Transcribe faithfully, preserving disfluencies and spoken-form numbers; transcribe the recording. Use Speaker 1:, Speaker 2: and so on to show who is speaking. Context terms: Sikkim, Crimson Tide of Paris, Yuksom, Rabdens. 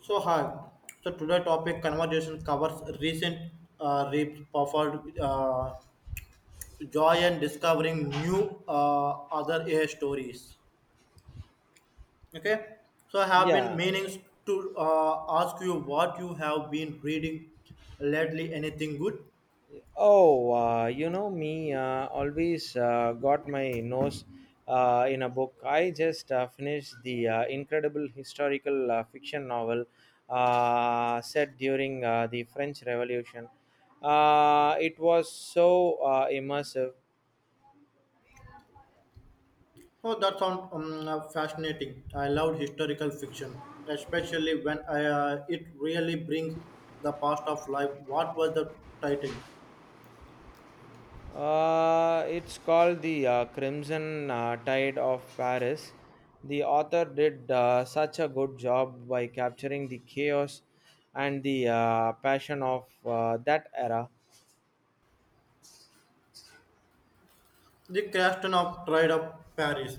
Speaker 1: So hi, so today topic conversation covers recent uh, reaps performed uh, joy and discovering new uh, other A I stories. Okay, so I have been
Speaker 2: Yeah.
Speaker 1: meaning to uh, ask you what you have been reading lately. Anything good?
Speaker 2: Oh, uh, you know me. Uh, always uh, got my nose uh, in a book. I just uh, finished the uh, incredible historical uh, fiction novel uh, set during uh, the French Revolution. Uh, it was so uh, immersive.
Speaker 1: Oh, that sounds um, uh, fascinating. I love historical fiction, especially when I, uh, it really brings the past of life. What was the title?
Speaker 2: Uh, it's called the uh, Crimson uh, Tide of Paris. The author did uh, such a good job by capturing the chaos and the uh, passion of uh, that era.
Speaker 1: The Crash of Trade of Paris.